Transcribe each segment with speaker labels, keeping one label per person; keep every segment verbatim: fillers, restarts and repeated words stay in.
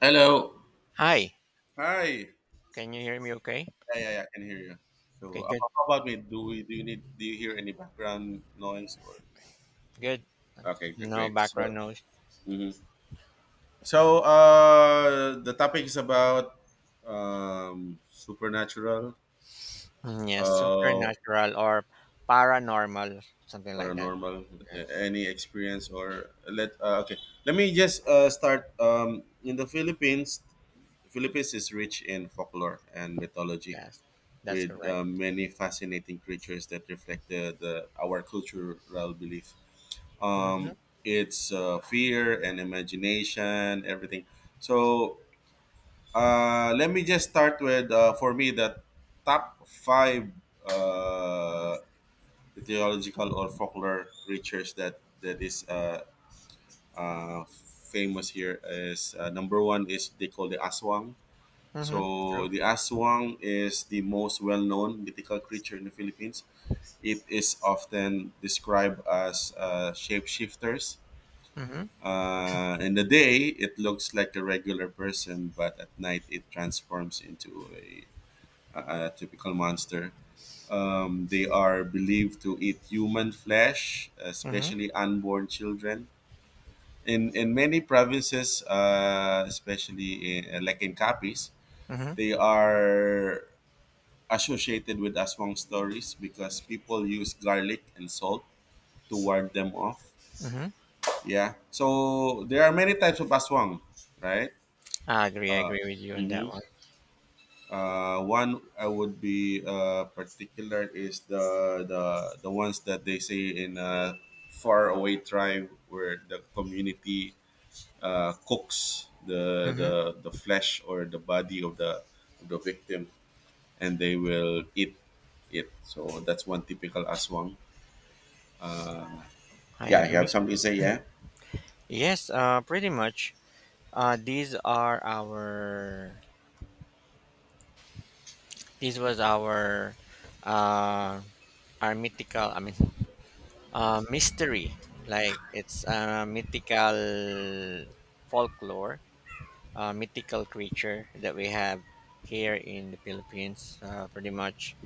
Speaker 1: Hello.
Speaker 2: Hi,
Speaker 1: Hi.
Speaker 2: can you hear me okay?
Speaker 1: Yeah, yeah, yeah, I can hear you. So,
Speaker 2: Okay, good,
Speaker 1: how how about me? Do we do you need do you hear any background noise or?
Speaker 2: good.
Speaker 1: Okay, g-
Speaker 2: No
Speaker 1: great.
Speaker 2: background
Speaker 1: So,
Speaker 2: noise.
Speaker 1: Mhm. So uh, the topic is about um, supernatural,
Speaker 2: Mm, yes,
Speaker 1: uh,
Speaker 2: supernatural or paranormal, something like that.
Speaker 1: paranormal,
Speaker 2: Yes,
Speaker 1: a- any experience or let. Uh, okay, let me just uh, start. Um, in the Philippines, Philippines is rich in folklore and mythology,
Speaker 2: yes, that's
Speaker 1: with
Speaker 2: correct.
Speaker 1: uh, many fascinating creatures that reflect the, the our cultural belief.
Speaker 2: Mm-hmm,
Speaker 1: Um, it's uh, fear and imagination, everything. So uh, let me just start with uh, for me the top five uh, theological or folklore creatures that that is uh, uh, famous here is uh, number one is they call the aswang.
Speaker 2: mm-hmm, true.
Speaker 1: So the aswang is the most well-known mythical creature in the Philippines. It is often described as uh, shapeshifters.
Speaker 2: Mm-hmm,
Speaker 1: Uh, in the day, it looks like a regular person, but at night, it transforms into a, a, a typical monster. Um, they are believed to eat human flesh,
Speaker 2: mm-hmm,
Speaker 1: especially unborn children. In, in many provinces, uh, especially in, like in Capiz,
Speaker 2: mm-hmm,
Speaker 1: they are associated with aswang stories because people use garlic and salt to ward them off.
Speaker 2: mm-hmm.
Speaker 1: Yeah. So there are many types of aswang, right?
Speaker 2: I agree, I agree with you on that
Speaker 1: Mm-hmm.
Speaker 2: one.
Speaker 1: Uh, one I would be uh, particular is the the the ones that they say in a faraway tribe where the community uh, cooks the
Speaker 2: Mm-hmm,
Speaker 1: the the flesh or the body of the of the victim and they will eat it. So that's one typical aswang.
Speaker 2: I
Speaker 1: Yeah, you
Speaker 2: agree.
Speaker 1: have something to say, yeah.
Speaker 2: Yes, uh, pretty much. Uh, these are our, this was our, uh, our mythical, I mean, uh, mystery like it's a mythical folklore a mythical creature that we have here in the Philippines, uh, pretty much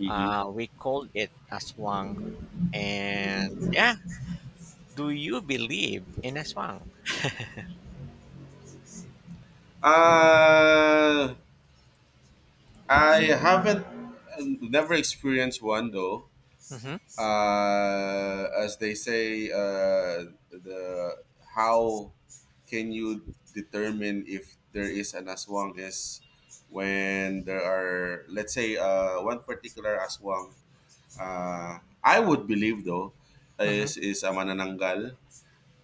Speaker 1: Mm-hmm.
Speaker 2: uh, we called it aswang. And yeah, do you believe in aswang?
Speaker 1: Uh I haven't um, never experienced one though.
Speaker 2: Mm-hmm,
Speaker 1: Uh, as they say, uh, the how can you determine if there is an aswang is when there are let's say uh, one particular aswang. Uh, I would believe though
Speaker 2: mm-hmm.
Speaker 1: is is a manananggal.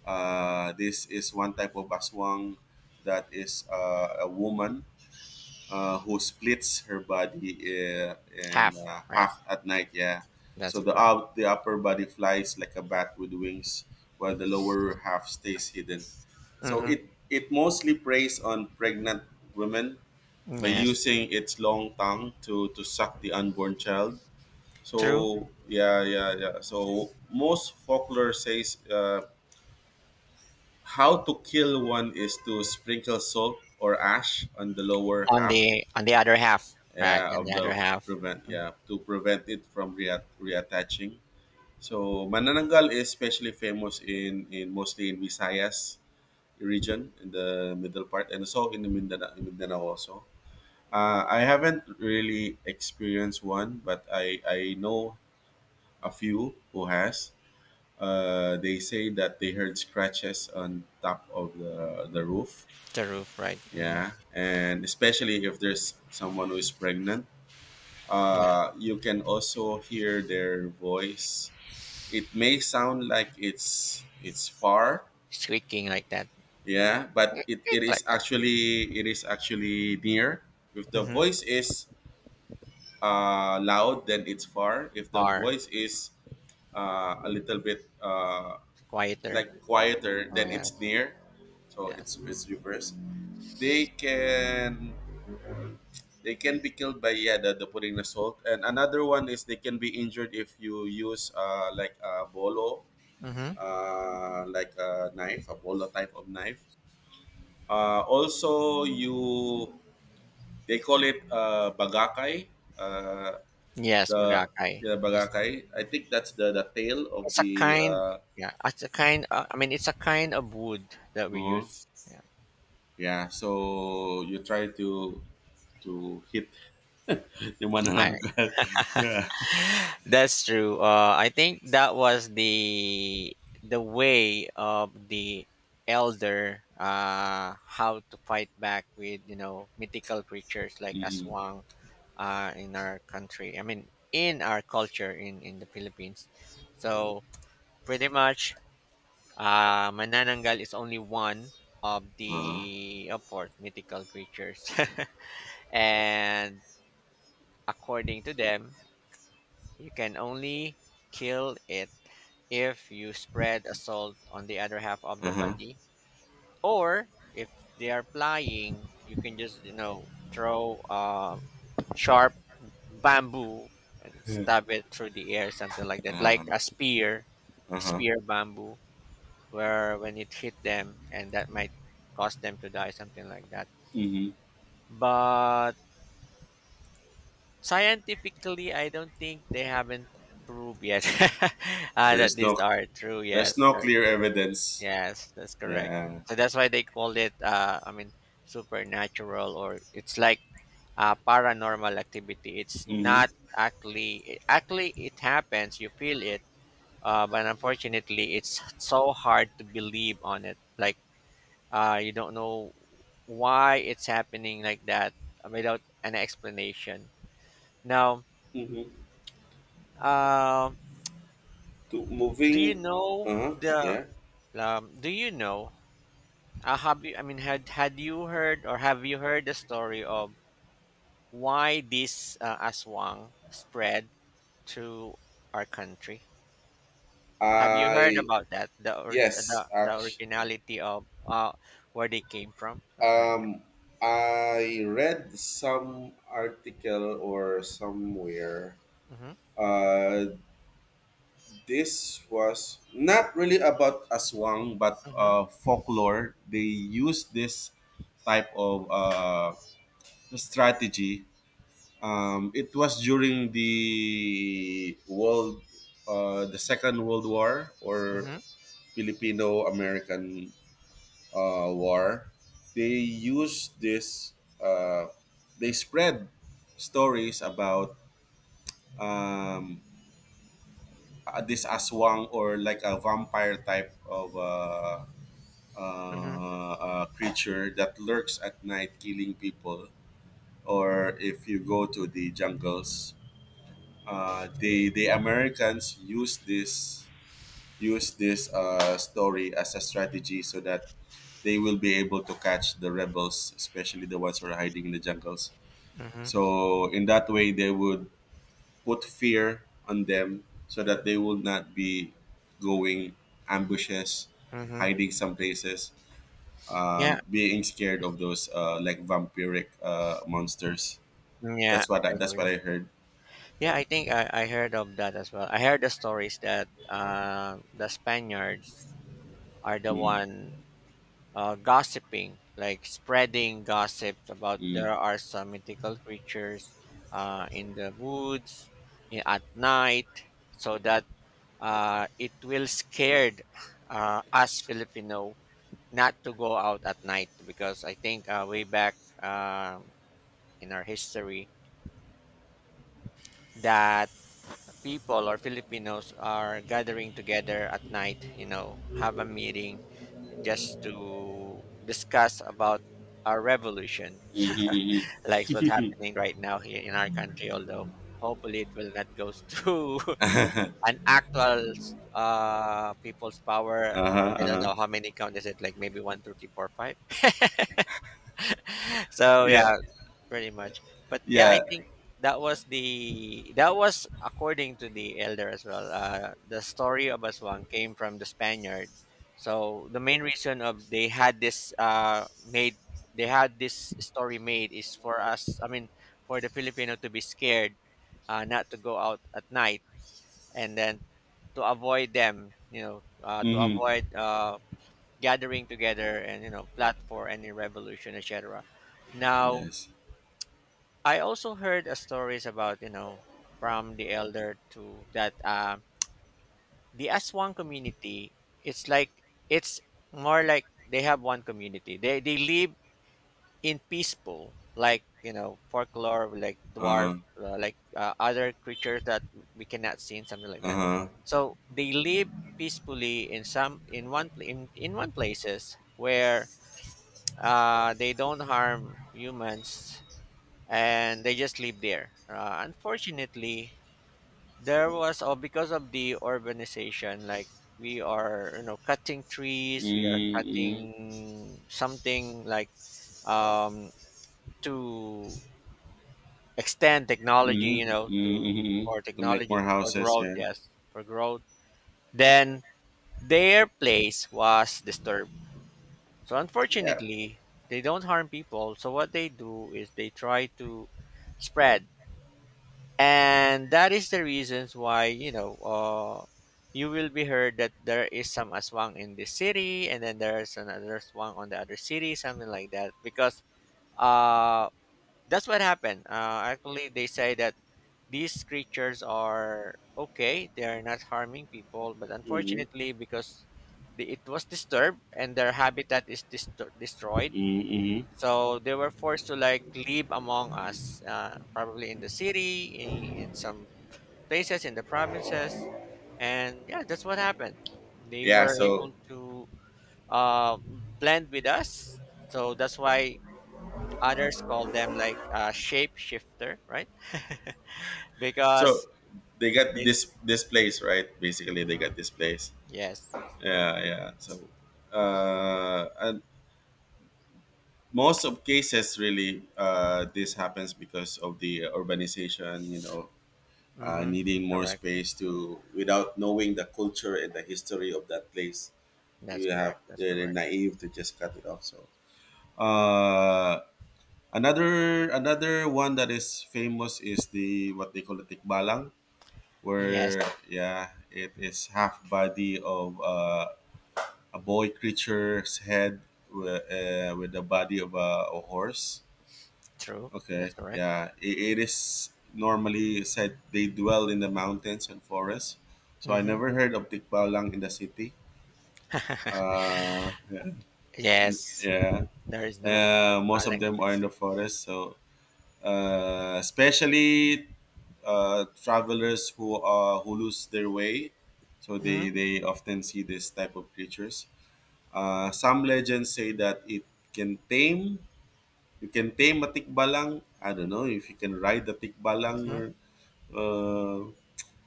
Speaker 1: Uh, this is one type of aswang that is uh, a woman uh, who splits her body uh, in
Speaker 2: Half,
Speaker 1: uh,
Speaker 2: right,
Speaker 1: half at night. Yeah,
Speaker 2: that's
Speaker 1: so the
Speaker 2: correct.
Speaker 1: up, the upper body flies like a bat with wings, while the lower half stays hidden. So
Speaker 2: Mm-hmm.
Speaker 1: it it mostly preys on pregnant women by
Speaker 2: Yes,
Speaker 1: using its long tongue to to suck the unborn child.
Speaker 2: true.
Speaker 1: So yeah, yeah, yeah. So most folklore says uh, how to kill one is to sprinkle salt or ash on the lower
Speaker 2: On
Speaker 1: half,
Speaker 2: the on the other half, right?
Speaker 1: yeah,
Speaker 2: And the
Speaker 1: of
Speaker 2: other
Speaker 1: the
Speaker 2: half
Speaker 1: prevent yeah, to prevent it from reat- reattaching. So Manananggal is especially famous in, in mostly in Visayas region in the middle part and also in the Mindanao, Mindanao also. Uh, I haven't really experienced one, but I, I know a few who has. Uh, they say that they heard scratches on top of the, the roof.
Speaker 2: the roof, right. Mm-hmm.
Speaker 1: Yeah, and especially if there's someone who is pregnant,
Speaker 2: Yeah,
Speaker 1: uh, you can also hear their voice. It may sound like it's it's far,
Speaker 2: squeaking like that.
Speaker 1: yeah, but
Speaker 2: Like
Speaker 1: it, it is
Speaker 2: that.
Speaker 1: actually it is actually near. If the
Speaker 2: Mm-hmm.
Speaker 1: voice is uh, loud, then it's far. If the
Speaker 2: Far,
Speaker 1: voice is uh, a little bit uh,
Speaker 2: quieter.
Speaker 1: like quieter, then it's
Speaker 2: Yes,
Speaker 1: near. So it's
Speaker 2: yes.
Speaker 1: it's reverse. They can They can be killed by, yeah, the, the putting the salt. And another one is they can be injured if you use uh, like a bolo,
Speaker 2: Mhm.
Speaker 1: uh, like a knife, a bolo type of knife. Uh, also, you they call it uh, bagakay. Uh,
Speaker 2: Yes,
Speaker 1: the
Speaker 2: Boracay.
Speaker 1: Yeah,
Speaker 2: It's,
Speaker 1: bagakay. I think that's the the tail of
Speaker 2: it's a
Speaker 1: the.
Speaker 2: kind
Speaker 1: Uh,
Speaker 2: Yeah, it's a kind uh, I mean it's a kind of wood that we
Speaker 1: no?
Speaker 2: use.
Speaker 1: Yeah, so you try to to hit yung
Speaker 2: I
Speaker 1: manananggal. Yeah.
Speaker 2: That's true. Uh I think that was the the way of the elder, uh how to fight back with, you know, mythical creatures like
Speaker 1: Mm-hmm.
Speaker 2: aswang uh in our country. I mean in our culture in in the Philippines. So pretty much, Uh, Manananggal is only one of
Speaker 1: Uh-huh.
Speaker 2: the, of course, mythical creatures. And according to them, you can only kill it if you spread a salt on the other half of the body, or if they are flying, you can just, you know, throw uh, sharp bamboo and stab it through the air, something like that, like
Speaker 1: Uh-huh.
Speaker 2: a spear,
Speaker 1: Uh-huh.
Speaker 2: spear bamboo. Where when it hit them, and that might cause them to die, something like that.
Speaker 1: Mm-hmm.
Speaker 2: But scientifically, I don't think they haven't proved yet. Uh, that
Speaker 1: There's
Speaker 2: these
Speaker 1: no,
Speaker 2: are true,
Speaker 1: there's
Speaker 2: yes
Speaker 1: no
Speaker 2: or-
Speaker 1: clear evidence.
Speaker 2: yes, that's correct.
Speaker 1: Yeah.
Speaker 2: So that's why they call it uh, I mean supernatural, or it's like uh, paranormal activity. It's
Speaker 1: Mm-hmm.
Speaker 2: not actually it- actually it happens, you feel it, uh, but unfortunately it's so hard to believe on it, like Uh, you don't know why it's happening like that uh, without an explanation. Now,
Speaker 1: Mm-hmm.
Speaker 2: uh,
Speaker 1: To
Speaker 2: do you
Speaker 1: moving
Speaker 2: know
Speaker 1: Uh-huh.
Speaker 2: the
Speaker 1: Yeah.
Speaker 2: um, do you know uh, have you, I mean had had you heard, or have you heard the story of why this uh, aswang spread to our country? Have you heard
Speaker 1: I
Speaker 2: about that, the or the,
Speaker 1: Yes,
Speaker 2: the
Speaker 1: actually,
Speaker 2: originality of uh, where they came from, something like
Speaker 1: um I read some article or somewhere.
Speaker 2: that? Mm-hmm,
Speaker 1: Uh, this was not really about aswang, but
Speaker 2: mm-hmm,
Speaker 1: uh, folklore. They use this type of uh, strategy. Um, it was during the world, uh, the Second World War or
Speaker 2: mm-hmm,
Speaker 1: Filipino-American uh, War. They used this. Uh, they spread stories about um, uh, this aswang or like a vampire type of uh, uh,
Speaker 2: mm-hmm,
Speaker 1: uh, creature that lurks at night, killing people. Or if you go to the jungles, uh, the the Americans use this use this uh, story as a strategy so that they will be able to catch the rebels, especially the ones who are hiding in the jungles.
Speaker 2: mm-hmm.
Speaker 1: So in that way, they would put fear on them so that they will not be going ambushes,
Speaker 2: Mm-hmm.
Speaker 1: hiding some places, um,
Speaker 2: Yeah.
Speaker 1: being scared of those uh, like vampiric uh, monsters.
Speaker 2: Yeah,
Speaker 1: That's what
Speaker 2: I
Speaker 1: I, that's what
Speaker 2: agree.
Speaker 1: I heard.
Speaker 2: Yeah, I think I, I heard of that as well. I heard the stories that uh, the Spaniards are the
Speaker 1: Mm,
Speaker 2: one uh, gossiping, like spreading gossip about there
Speaker 1: mm,
Speaker 2: are some mythical creatures uh, in the woods, i- at night, so that uh, it will scared uh, us Filipino not to go out at night, because I think uh, way back um in our history that people or Filipinos are gathering together at night, you know, have a meeting just to discuss about our revolution,
Speaker 1: mhm,
Speaker 2: like what's happening right now here in our country, although hopefully it will not go to
Speaker 1: mhm.
Speaker 2: an actual uh, people's power.
Speaker 1: Uh huh.
Speaker 2: I
Speaker 1: Uh
Speaker 2: don't
Speaker 1: huh.
Speaker 2: know how many count is it, like maybe one, two, three, four, five. So yeah,
Speaker 1: Yeah.
Speaker 2: pretty much. But yeah, I
Speaker 1: Yeah.
Speaker 2: think that was the that was according to the elder as well. Uh, the story of Aswang came from the Spaniards. So the main reason of they had this uh made they had this story made is for us. I mean, for the Filipino to be scared, uh, not to go out at night, and then to avoid them. You know, uh, to
Speaker 1: Mm-hmm.
Speaker 2: avoid uh gathering together, and you know plot for any revolution, et cetera. Now
Speaker 1: Yes.
Speaker 2: I also heard uh, stories about you know from the elder to that uh, the Aswang community. It's like it's more like they have one community. They they live in peaceful, like you know folklore, like
Speaker 1: Uh
Speaker 2: dwarf,
Speaker 1: huh.
Speaker 2: uh, like uh, other creatures that we cannot see, and something like
Speaker 1: Uh
Speaker 2: that.
Speaker 1: huh.
Speaker 2: So they live peacefully in some in one pla- in in one places where uh, they don't harm humans, and they just live there. Uh, unfortunately, there was oh, because of the urbanization, like we are you know cutting trees, we are
Speaker 1: Mm-hmm.
Speaker 2: cutting something like um, to extend technology, you know,
Speaker 1: Mm-hmm.
Speaker 2: to
Speaker 1: Mm-hmm.
Speaker 2: for
Speaker 1: To make
Speaker 2: technology
Speaker 1: more
Speaker 2: for
Speaker 1: houses.
Speaker 2: growth,
Speaker 1: Yeah.
Speaker 2: yes, for growth. Then their place was disturbed. So
Speaker 1: Yeah.
Speaker 2: unfortunately, they don't harm people. So what they do is they try to spread, and that is the reasons why you know uh, you will be heard that there is some aswang in this city, and then there's another aswang on the other city, something like that, because uh that's what happened. Uh, actually they say that these creatures are okay, they are not harming people, but
Speaker 1: Mm-hmm.
Speaker 2: unfortunately because the, it was disturbed and their habitat is distor destroyed,
Speaker 1: Mm-hmm. Mm-hmm.
Speaker 2: so they were forced to like live among us, uh, probably in the city, in in some places in the provinces, and yeah, that's what happened. They
Speaker 1: Yeah.
Speaker 2: were
Speaker 1: So
Speaker 2: able to uh, blend with us, so that's why others call them like uh, shape shifter, right?
Speaker 1: so
Speaker 2: Because
Speaker 1: they got
Speaker 2: they,
Speaker 1: this
Speaker 2: Mhm,
Speaker 1: this place right. Basically, they
Speaker 2: mhm,
Speaker 1: got this place.
Speaker 2: yes,
Speaker 1: Yeah. Yeah. So uh, and most of cases really uh, this happens because of the urbanization. You know, uh,
Speaker 2: hmm,
Speaker 1: needing more
Speaker 2: correct.
Speaker 1: space to without knowing the culture and the history of that place
Speaker 2: That's
Speaker 1: you have
Speaker 2: correct. That's
Speaker 1: they're
Speaker 2: correct.
Speaker 1: naive to just cut it off, so uh another another one that is famous is the what they call the tikbalang
Speaker 2: Yes,
Speaker 1: where, yeah, it is half body of uh, a boy creature's head with, uh, with the body of a, a horse.
Speaker 2: true. That's
Speaker 1: Okay,
Speaker 2: correct.
Speaker 1: yeah, it, it is normally said they dwell in the mountains and forests. So I
Speaker 2: Hmm.
Speaker 1: never heard of Tikbalang in the city. Uh, yeah,
Speaker 2: Yes,
Speaker 1: yeah.
Speaker 2: there is no
Speaker 1: Uh, most of them are
Speaker 2: balance.
Speaker 1: in the forest. So uh, especially uh, travelers who uh, who lose their way, so
Speaker 2: Mm-hmm,
Speaker 1: they they often see this type of creatures. Uh, some legends say that it can tame. You can tame a tikbalang. I don't know if you can ride the tikbalang
Speaker 2: mm-hmm.
Speaker 1: or Uh,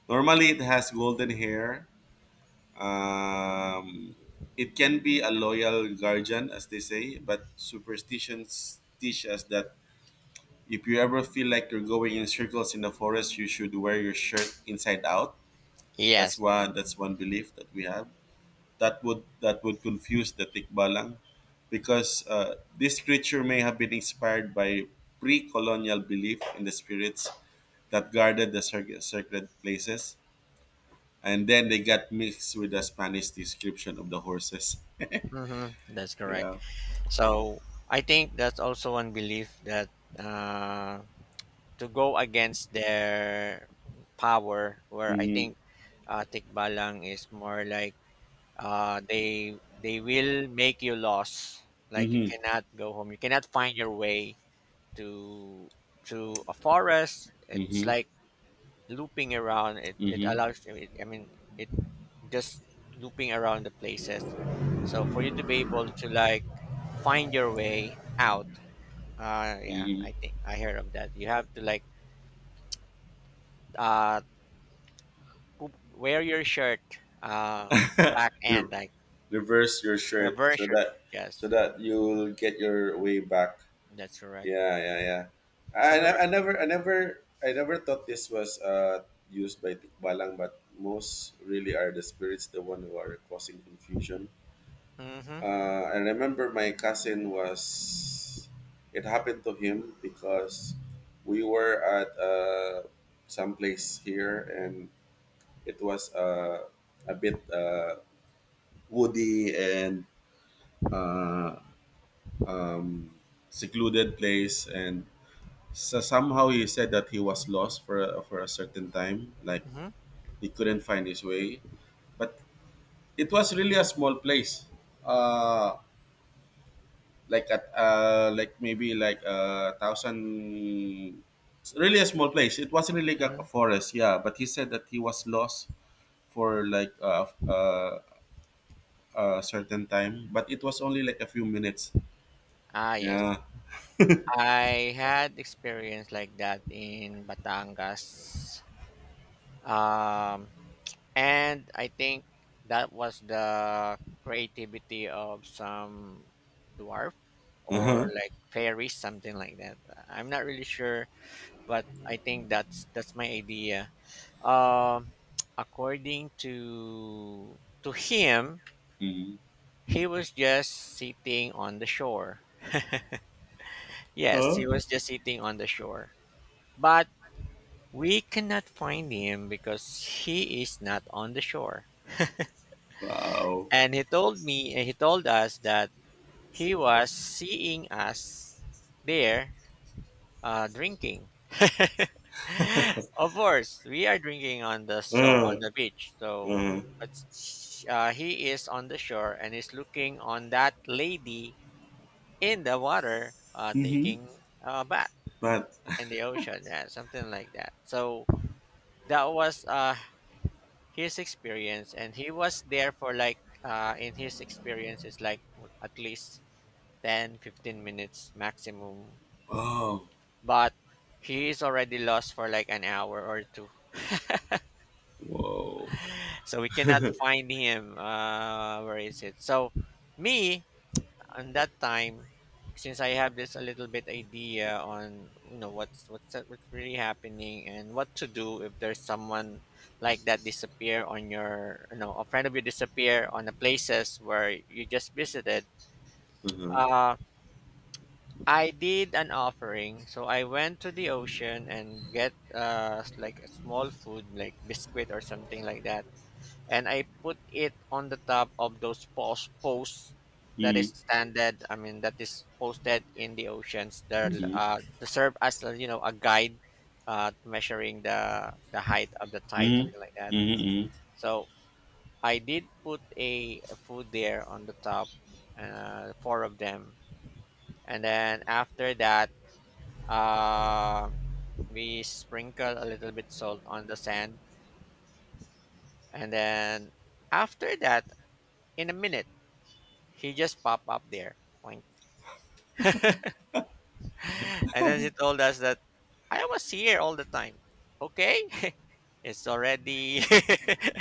Speaker 1: normally, it has golden hair. Um, it can be a loyal guardian, as they say, but superstitions teach us that if you ever feel like you're going in circles in the forest, you should wear your shirt inside out. That's
Speaker 2: Yes,
Speaker 1: one. That's one belief that we have. That would that would confuse the tikbalang, because uh, this creature may have been inspired by pre-colonial belief in the spirits that guarded the sacred sacred places and then they got mixed with the Spanish description of the horses.
Speaker 2: mm-hmm, that's correct.
Speaker 1: Yeah.
Speaker 2: So I think that's also one belief that uh, to go against their power, where I
Speaker 1: Mm-hmm.
Speaker 2: think uh, tikbalang is more like uh, they they will make you lost. Like you cannot go home. You cannot find your way to to a forest. It's
Speaker 1: Mm-hmm.
Speaker 2: like looping around. It it
Speaker 1: Mm-hmm.
Speaker 2: allows. It, I mean, it just looping around the places. So for you to be able to like find your way out, uh, yeah, I think I heard of that. You have to like uh poop, wear your shirt uh
Speaker 1: Mm-hmm.
Speaker 2: back end,
Speaker 1: Re-
Speaker 2: like
Speaker 1: Reverse your shirt
Speaker 2: reverse
Speaker 1: so
Speaker 2: shirt.
Speaker 1: that so
Speaker 2: Yes,
Speaker 1: that you'll get your way back.
Speaker 2: that's correct.
Speaker 1: Yeah, yeah, yeah.
Speaker 2: Have you?
Speaker 1: I, I never I never I never thought this was uh used by Tikbalang, but most really are the spirits the one who are causing confusion.
Speaker 2: Mm-hmm.
Speaker 1: Uh, I
Speaker 2: That's
Speaker 1: remember
Speaker 2: correct.
Speaker 1: my cousin was. It happened to him because we were at uh, some place here, and it was uh, a bit uh, woody and uh, um, secluded place. And so somehow he said that he was lost for a, for a certain time, like
Speaker 2: Mm-hmm.
Speaker 1: he couldn't find his way. But it was really a small place. Uh, like at uh like maybe like a thousand, it's really a small place, it wasn't really like a
Speaker 2: Mm-hmm.
Speaker 1: forest, yeah, but he said that he was lost for like uh, uh, a certain time, but it was only like a few minutes.
Speaker 2: Ah, yes.
Speaker 1: Yeah.
Speaker 2: I had experience like that in Batangas. Um, and I think that was the creativity of some dwarf or
Speaker 1: Uh-huh.
Speaker 2: like fairies, something like that. I'm not really sure, but I think that's that's my idea. Um, According to to him,
Speaker 1: Mm
Speaker 2: he was just sitting on the shore. Yes,
Speaker 1: huh.
Speaker 2: he was just sitting on the shore, but we cannot find him because he is not on the shore.
Speaker 1: Wow.
Speaker 2: And he told me, he told us that he was seeing us there uh, drinking. Of course, we are drinking on the shore,
Speaker 1: uh,
Speaker 2: on the beach. So
Speaker 1: uh,
Speaker 2: it's, uh, he is on the shore and is looking on that lady in the water uh,
Speaker 1: mm-hmm.
Speaker 2: taking a bath
Speaker 1: But
Speaker 2: in the ocean, yeah, something like that. So that was uh, his experience, and he was there for like, uh, in his experience, is like at least ten, fifteen minutes maximum.
Speaker 1: oh.
Speaker 2: But he is already lost for like an hour or two,
Speaker 1: Whoa.
Speaker 2: so we cannot find him uh where is it. So me, on that time, since I have this a little bit idea on you know what's what's what's really happening, and what to do if there's someone like that disappear on your you know a friend of you disappear on the places where you just visited,
Speaker 1: Uh-huh.
Speaker 2: uh I did an offering. So I went to the ocean and get uh s- like a small food like biscuit or something like that, and I put it on the top of those post posts that is
Speaker 1: Mm-hmm.
Speaker 2: standard. I mean, that is posted in the oceans. They're l- uh, they serve as uh, you know a guide, uh, to measuring the the height of the tide, something like
Speaker 1: Mm-hmm.
Speaker 2: that.
Speaker 1: Mm-hmm.
Speaker 2: So I did put a, a food there on the top, uh, four of them, and then after that, uh, we sprinkle a little bit salt on the sand, and then after that, in a minute he just popped up there. Point. And then he told us that I was here all the time. Okay. It's already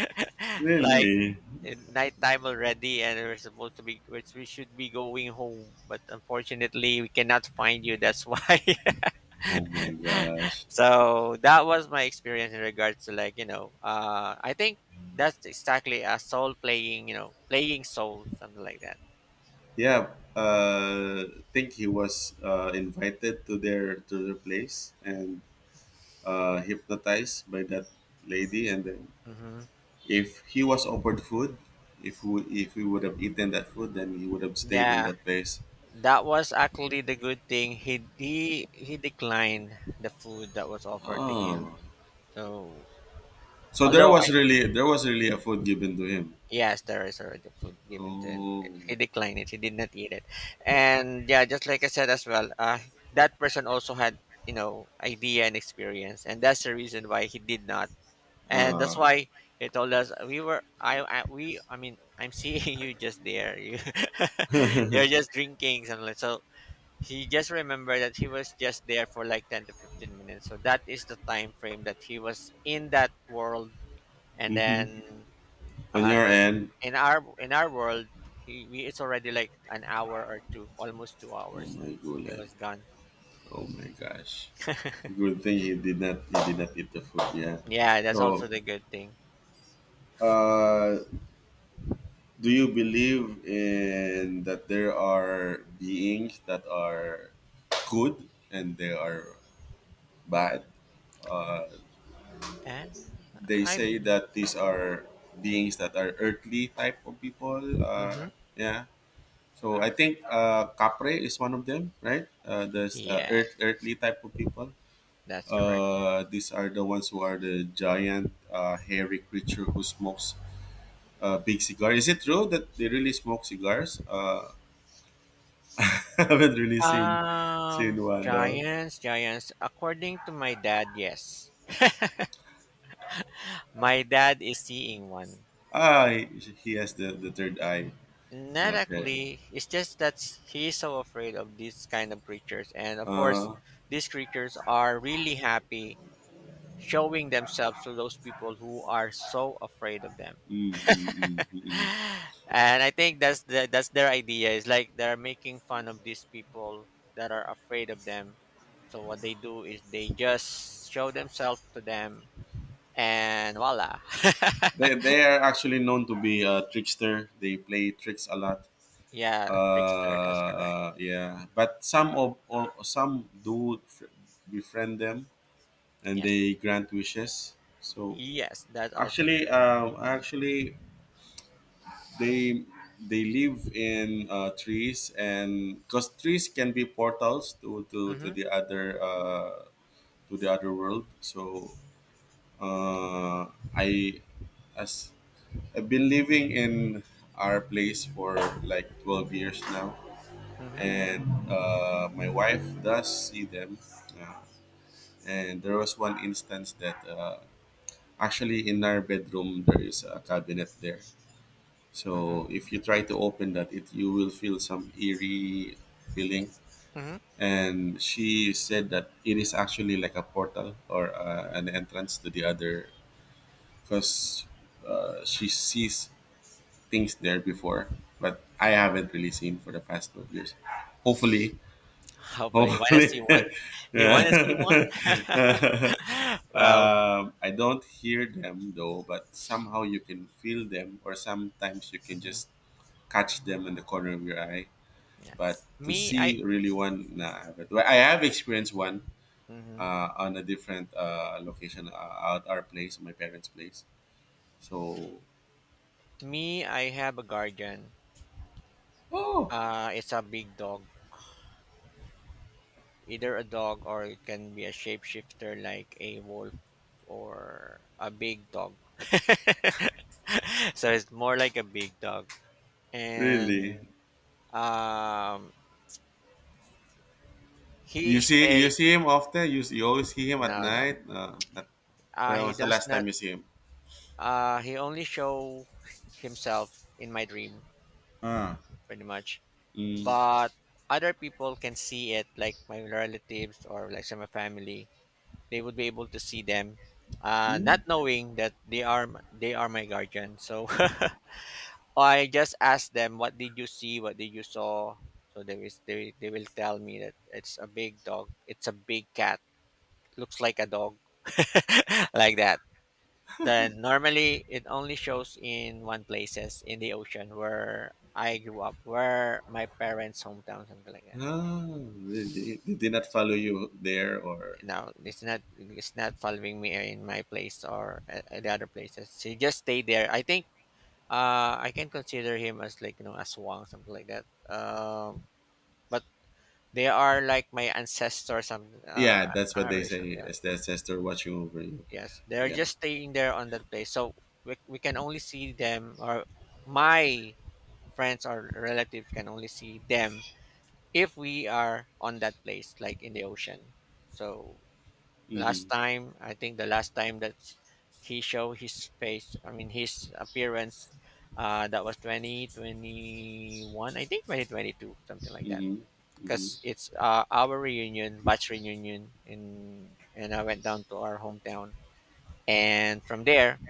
Speaker 2: like
Speaker 1: Really.
Speaker 2: uh, nighttime already, and we're supposed to be which we should be going home, but unfortunately we cannot find you, that's why.
Speaker 1: Oh my gosh.
Speaker 2: So that was my experience in regards to like you know uh I think that's exactly a soul playing, you know, playing soul, something like that.
Speaker 1: Yeah, uh, think he was uh, invited to their to their place and uh, hypnotized by that lady. And then,
Speaker 2: Hmm,
Speaker 1: if he was offered food, if we if we would have eaten that food, then he would have stayed in
Speaker 2: yeah.
Speaker 1: that place.
Speaker 2: That was actually the good thing. He he he declined the food that was offered to him.
Speaker 1: Oh,
Speaker 2: So
Speaker 1: so there
Speaker 2: although
Speaker 1: was
Speaker 2: I
Speaker 1: really, there was really a food given to him.
Speaker 2: yes, there is already food given to him.
Speaker 1: Oh,
Speaker 2: He declined it. He did not eat it. And yeah, just like I said as well, uh, that person also had you know idea and experience, and that's the reason why he did not. And that's why he told us we were I, I we I mean I'm seeing you just there. You you're just drinking something like so he just remembered that he was just there for like ten to fifteen minutes, so that is the time frame that he was in that world. And
Speaker 1: mm-hmm.
Speaker 2: then
Speaker 1: On
Speaker 2: uh
Speaker 1: your
Speaker 2: in
Speaker 1: end.
Speaker 2: in our in our world, he we, it's already like an hour or two, almost two
Speaker 1: Oh
Speaker 2: hours
Speaker 1: my
Speaker 2: it
Speaker 1: god.
Speaker 2: was gone.
Speaker 1: Oh my gosh. Good thing he did not, he did not eat the food. Yeah.
Speaker 2: Yeah, that's also
Speaker 1: So
Speaker 2: the good thing.
Speaker 1: uh do you believe in that there are beings that are good and they are bad? Uh,
Speaker 2: And
Speaker 1: they
Speaker 2: I
Speaker 1: say
Speaker 2: believe.
Speaker 1: that these are beings that are earthly type of people. Uh,
Speaker 2: Mm-hmm.
Speaker 1: yeah. So I think uh, Capre is one of them, right? Uh, there's uh,
Speaker 2: Yeah,
Speaker 1: earth, earthly type of people.
Speaker 2: that's correct.
Speaker 1: Uh, these are the ones who are the giant, uh, hairy creature who smokes a big cigar. Is it true that they really smoke cigars? Uh, I haven't really seen seen
Speaker 2: um
Speaker 1: one though.
Speaker 2: giants giants according to my dad, yes. My dad is seeing one.
Speaker 1: Ah, he, he has the, the third eye.
Speaker 2: Not
Speaker 1: Okay.
Speaker 2: actually. It's just that he's so afraid of these kind of creatures, and of course,
Speaker 1: Uh,
Speaker 2: these creatures are really happy showing themselves to those people who are so afraid of them.
Speaker 1: mm, mm, mm, mm, mm.
Speaker 2: And I think that's the, that's their idea. Is like they're making fun of these people that are afraid of them. So what they do is they just show themselves to them, and voila.
Speaker 1: They, they are actually known to be a trickster. They play tricks a lot.
Speaker 2: Yeah, trickster.
Speaker 1: Uh,
Speaker 2: That's correct.
Speaker 1: uh, yeah. But some of or some do fr- befriend them and
Speaker 2: Yes.
Speaker 1: they grant wishes. So
Speaker 2: Yes, that's also
Speaker 1: actually,
Speaker 2: true.
Speaker 1: um, I actually they they live in uh, trees, and because trees can be portals to to, to
Speaker 2: Mm-hmm.
Speaker 1: the other uh, to the other world, so uh, I as I've been living in our place for like twelve years now,
Speaker 2: Mm-hmm.
Speaker 1: and uh, my wife does see them, uh, and there was one instance that uh, actually in our bedroom there is a cabinet there.
Speaker 2: Mhm,
Speaker 1: So if you try to open that, it you will feel some eerie feeling.
Speaker 2: mhm.
Speaker 1: And she said that it is actually like a portal or uh, an entrance to the other, because uh, she sees things there before, but I haven't really seen for the past twelve years. Hopefully,
Speaker 2: Hopefully, you wanna see
Speaker 1: hopefully,
Speaker 2: one? Do you wanna see one?
Speaker 1: yeah.
Speaker 2: Well,
Speaker 1: um, I don't hear them though, but somehow you can feel them, or sometimes you can
Speaker 2: mhm,
Speaker 1: just catch them in the corner of your eye.
Speaker 2: yeah.
Speaker 1: But to
Speaker 2: Me, I
Speaker 1: see really one, nah, I haven't. Well, I have experienced one
Speaker 2: mhm.
Speaker 1: uh, on a different uh, location uh, at our place, my parents' place. So,
Speaker 2: Me, I have a guardian.
Speaker 1: oh,
Speaker 2: Uh, it's a big dog, either a dog or it can be a shapeshifter like a wolf or a big dog. So it's more like a big dog, and
Speaker 1: really?
Speaker 2: um, he
Speaker 1: You see, you
Speaker 2: stay.
Speaker 1: see him often. You, you always see him at
Speaker 2: No, no.
Speaker 1: night. Uh, at,
Speaker 2: Uh,
Speaker 1: when
Speaker 2: he
Speaker 1: was the
Speaker 2: does
Speaker 1: last
Speaker 2: not.
Speaker 1: time you see him?
Speaker 2: Uh, he only show himself in my dream,
Speaker 1: Ah,
Speaker 2: pretty much.
Speaker 1: mm,
Speaker 2: But other people can see it, like my relatives or like some of my family. They would be able to see them, uh, not
Speaker 1: mm,
Speaker 2: knowing that they are m- they are my guardian. So I just ask them, "What did you see? What did you saw?" So they will they, they will tell me that it's a big dog. It's a big cat. Looks like a dog, like that. Then normally it only shows in one places in the ocean where I grew up, where my parents' hometown, something like that.
Speaker 1: ah, really? They did not
Speaker 2: Yes.
Speaker 1: follow you there, or
Speaker 2: Now it's not it's not following me in my place or a- at the other places. She just stayed there. I think uh, I can consider him as like you know as Wang, something like that. Um, but they are like my ancestors. Some uh,
Speaker 1: yeah, that's
Speaker 2: uh,
Speaker 1: what they
Speaker 2: original,
Speaker 1: say.
Speaker 2: yeah,
Speaker 1: Is the ancestor watching over you?
Speaker 2: yes, they're
Speaker 1: Yeah.
Speaker 2: just staying there on that place. So we we can only see them, or my friends or relatives can only see them if we are on that place like in the ocean. So last
Speaker 1: Hmm.
Speaker 2: time, I think the last time that he showed his face, I mean his appearance, uh, that was twenty twenty-one, I think twenty twenty-two, something like that,
Speaker 1: Mhm. Mhm.
Speaker 2: because it's uh, our reunion, batch reunion in, and I went down to our hometown, and from there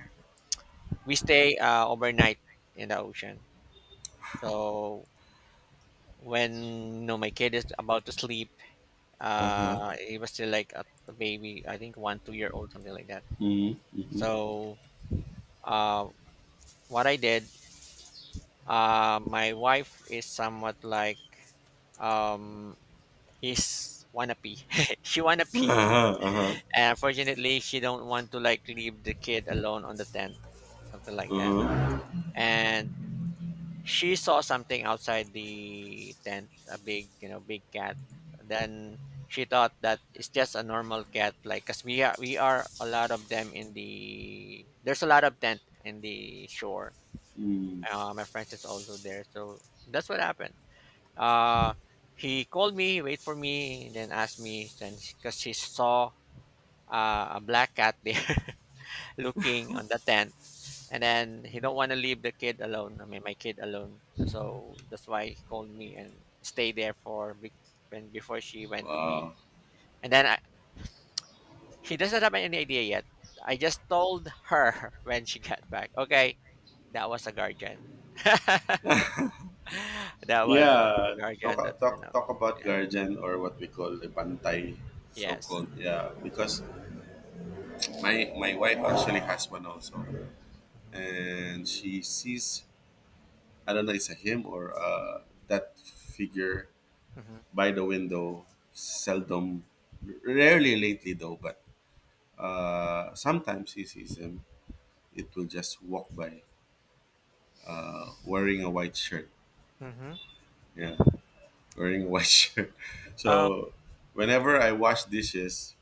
Speaker 2: we stay uh, overnight in the ocean. So when, you know, my kid is about to sleep,
Speaker 1: Uh-huh.
Speaker 2: uh, he was still like a a baby, I think one two year old, something like that.
Speaker 1: Mhm. Mhm.
Speaker 2: So uh, what I did, uh, my wife is somewhat like um, his wannabe. She wannabe.
Speaker 1: Uh-huh. Uh-huh.
Speaker 2: And unfortunately, she don't want to like leave the kid alone on the tent, something like that.
Speaker 1: Uh-huh.
Speaker 2: And she saw something outside the tent, a big, you know, big cat. Then she thought that it's just a normal cat, like cause we are we are a lot of them in the, there's a lot of tent in the shore.
Speaker 1: Mm.
Speaker 2: Uh, my friends is also there, so that's what happened. Uh, he called me, wait for me, then asked me, then because he saw uh, a black cat there looking on the tent, and then he don't want to leave the kid alone. I mean, my kid alone. So, so that's why he called me and stay there for be- when before she went to pee.
Speaker 1: Uh,
Speaker 2: And then I, he doesn't have any idea yet. I just told her when she got back. Okay, that was a guardian. That was a
Speaker 1: yeah, talk,
Speaker 2: guardian. That's
Speaker 1: talk
Speaker 2: enough.
Speaker 1: talk about
Speaker 2: Yeah.
Speaker 1: guardian or what we call the bantay, so
Speaker 2: Yes.
Speaker 1: called. Yeah, because my my wife actually has one also, and she sees I don't know it's a him or uh, that figure
Speaker 2: Hmm.
Speaker 1: by the window. Seldom, rarely lately though, but uh, sometimes she sees him. It will just walk by uh, wearing a white shirt.
Speaker 2: Hmm.
Speaker 1: Yeah, wearing a white shirt.
Speaker 2: Um,
Speaker 1: So whenever I wash dishes,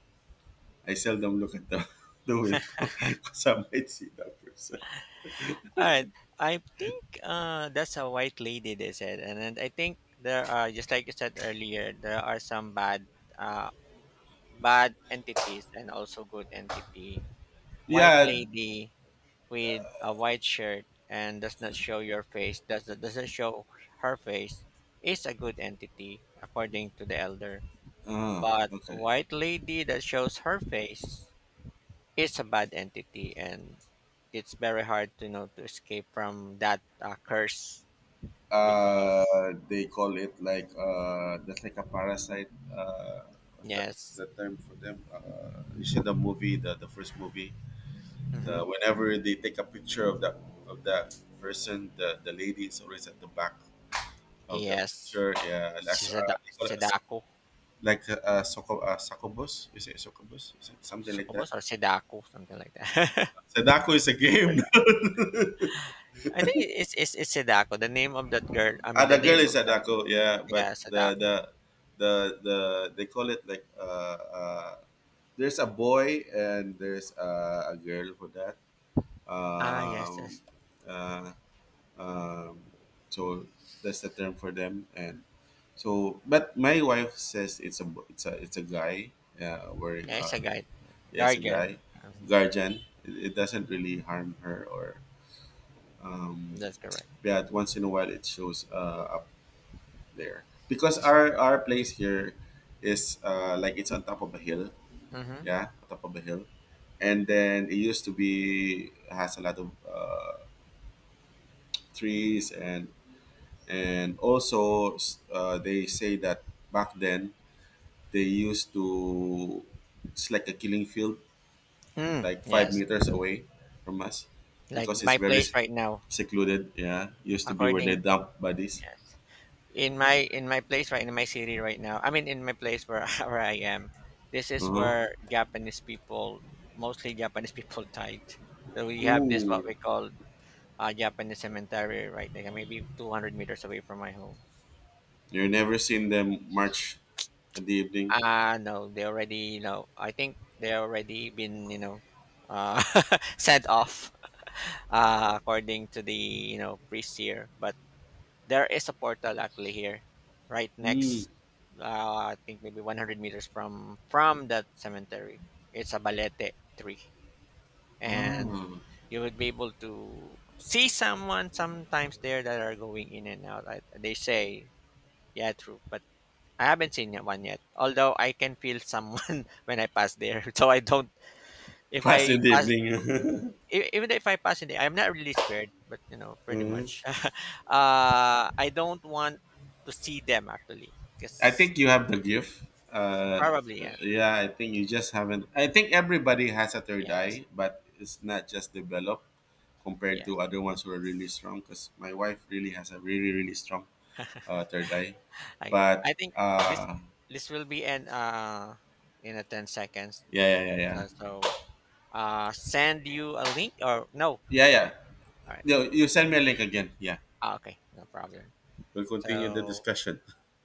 Speaker 1: I seldom look at the, the window because I might see that person.
Speaker 2: all right. I think uh, that's a white lady, they said. And then I think there are, just like you said earlier, there are some bad uh, bad entities and also good entity. White
Speaker 1: Yeah.
Speaker 2: lady with a white shirt and does not show your face, does, doesn't show her face, is a good entity, according to the elder.
Speaker 1: Ah,
Speaker 2: But
Speaker 1: okay.
Speaker 2: white lady that shows her face, it's a bad entity, and it's very hard to you know to escape from that uh, curse, because
Speaker 1: Uh, they call it like uh, that's like a parasite. Uh, what's that? What's
Speaker 2: yes.
Speaker 1: that term for them? Uh, you see the movie, the, the first movie.
Speaker 2: Hmm.
Speaker 1: Uh, whenever they take a picture of that of that person, the the lady is always at the back of the
Speaker 2: Yes.
Speaker 1: picture. Yeah, like so- uh,
Speaker 2: Seda-
Speaker 1: they call it a, suc-
Speaker 2: sedaku.
Speaker 1: like a, a, succub, a succubus. Is it succubus? Is it something like that?
Speaker 2: Succubus or sedaku, something like that.
Speaker 1: Sadako is a game.
Speaker 2: Seda- I think it's, it's it's sedaku, the name of that girl, I
Speaker 1: Ah,
Speaker 2: mean the
Speaker 1: the
Speaker 2: name
Speaker 1: girl is
Speaker 2: of that,
Speaker 1: Sadako. Yeah,
Speaker 2: yeah,
Speaker 1: but the
Speaker 2: sedaku.
Speaker 1: the the the they call it like uh, uh there's a boy and there's a, a girl for that.
Speaker 2: Ah, yes, yes.
Speaker 1: Um, uh, um, so that's the term for them. And so, but my wife says it's a bo- it's a it's a guy. Yeah, wearing
Speaker 2: Yeah, it's a
Speaker 1: a
Speaker 2: guide,
Speaker 1: Yes, a guy
Speaker 2: guardian. Hmm.
Speaker 1: guardian it, it doesn't really harm her or um
Speaker 2: That's correct.
Speaker 1: but once in a while it shows uh up there because our our place here is uh like it's on top of a hill,
Speaker 2: Mm-hmm.
Speaker 1: yeah, on top of a hill. And then it used to be has a lot of uh, trees and and also s- uh, they say that back then they used to, it's like a killing field
Speaker 2: Mm,
Speaker 1: like five
Speaker 2: yes.
Speaker 1: meters away from us
Speaker 2: Like
Speaker 1: because it's
Speaker 2: my
Speaker 1: very s-
Speaker 2: place right now.
Speaker 1: secluded. Yeah, used to be where they
Speaker 2: According,
Speaker 1: dump bodies.
Speaker 2: in my in my place right in my city right now, I mean in my place where where I am, this is
Speaker 1: Uh-huh.
Speaker 2: where Japanese people, mostly Japanese people, died. So we have this what
Speaker 1: Ooh,
Speaker 2: we call uh, Japanese cemetery right, like maybe two hundred meters away from my home.
Speaker 1: you never seen them march in the evening.
Speaker 2: Ah no, they already you know, I think they already been you know, uh sent off, uh according to the you know priest here, but there is a portal actually here right
Speaker 1: Hmm.
Speaker 2: next, uh, I think maybe one hundred meters from from that cemetery. It's a balete tree, and
Speaker 1: Ah,
Speaker 2: you would be able to see someone sometimes there that are going in and out. I, they say, yeah, true, but I haven't seen yet- one yet. Although I can feel someone when I pass there, so I don't. If
Speaker 1: past
Speaker 2: I
Speaker 1: in the
Speaker 2: pass.
Speaker 1: evening.
Speaker 2: E- even if I pass in there, I'm not really scared, but you know, pretty
Speaker 1: Uh-huh.
Speaker 2: much. Uh, I don't want to see them actually,
Speaker 1: I
Speaker 2: because
Speaker 1: think you have the gift. Uh,
Speaker 2: probably
Speaker 1: uh,
Speaker 2: yeah,
Speaker 1: yeah, I think you just haven't. I think everybody has a third
Speaker 2: yes,
Speaker 1: eye, but it's not just developed compared to
Speaker 2: yes.
Speaker 1: other ones who are really strong. Because my wife really has a really really strong uh, Third Eye.
Speaker 2: I agree.
Speaker 1: But
Speaker 2: I think this
Speaker 1: uh,
Speaker 2: this will be an uh, in a ten seconds.
Speaker 1: yeah, yeah, yeah, yeah,
Speaker 2: So, so, uh send you a link or no.
Speaker 1: yeah, yeah.
Speaker 2: All right.
Speaker 1: No, you send me a link again. Yeah.
Speaker 2: Ah, okay, no
Speaker 1: Okay.
Speaker 2: problem.
Speaker 1: We'll continue the
Speaker 2: So
Speaker 1: discussion.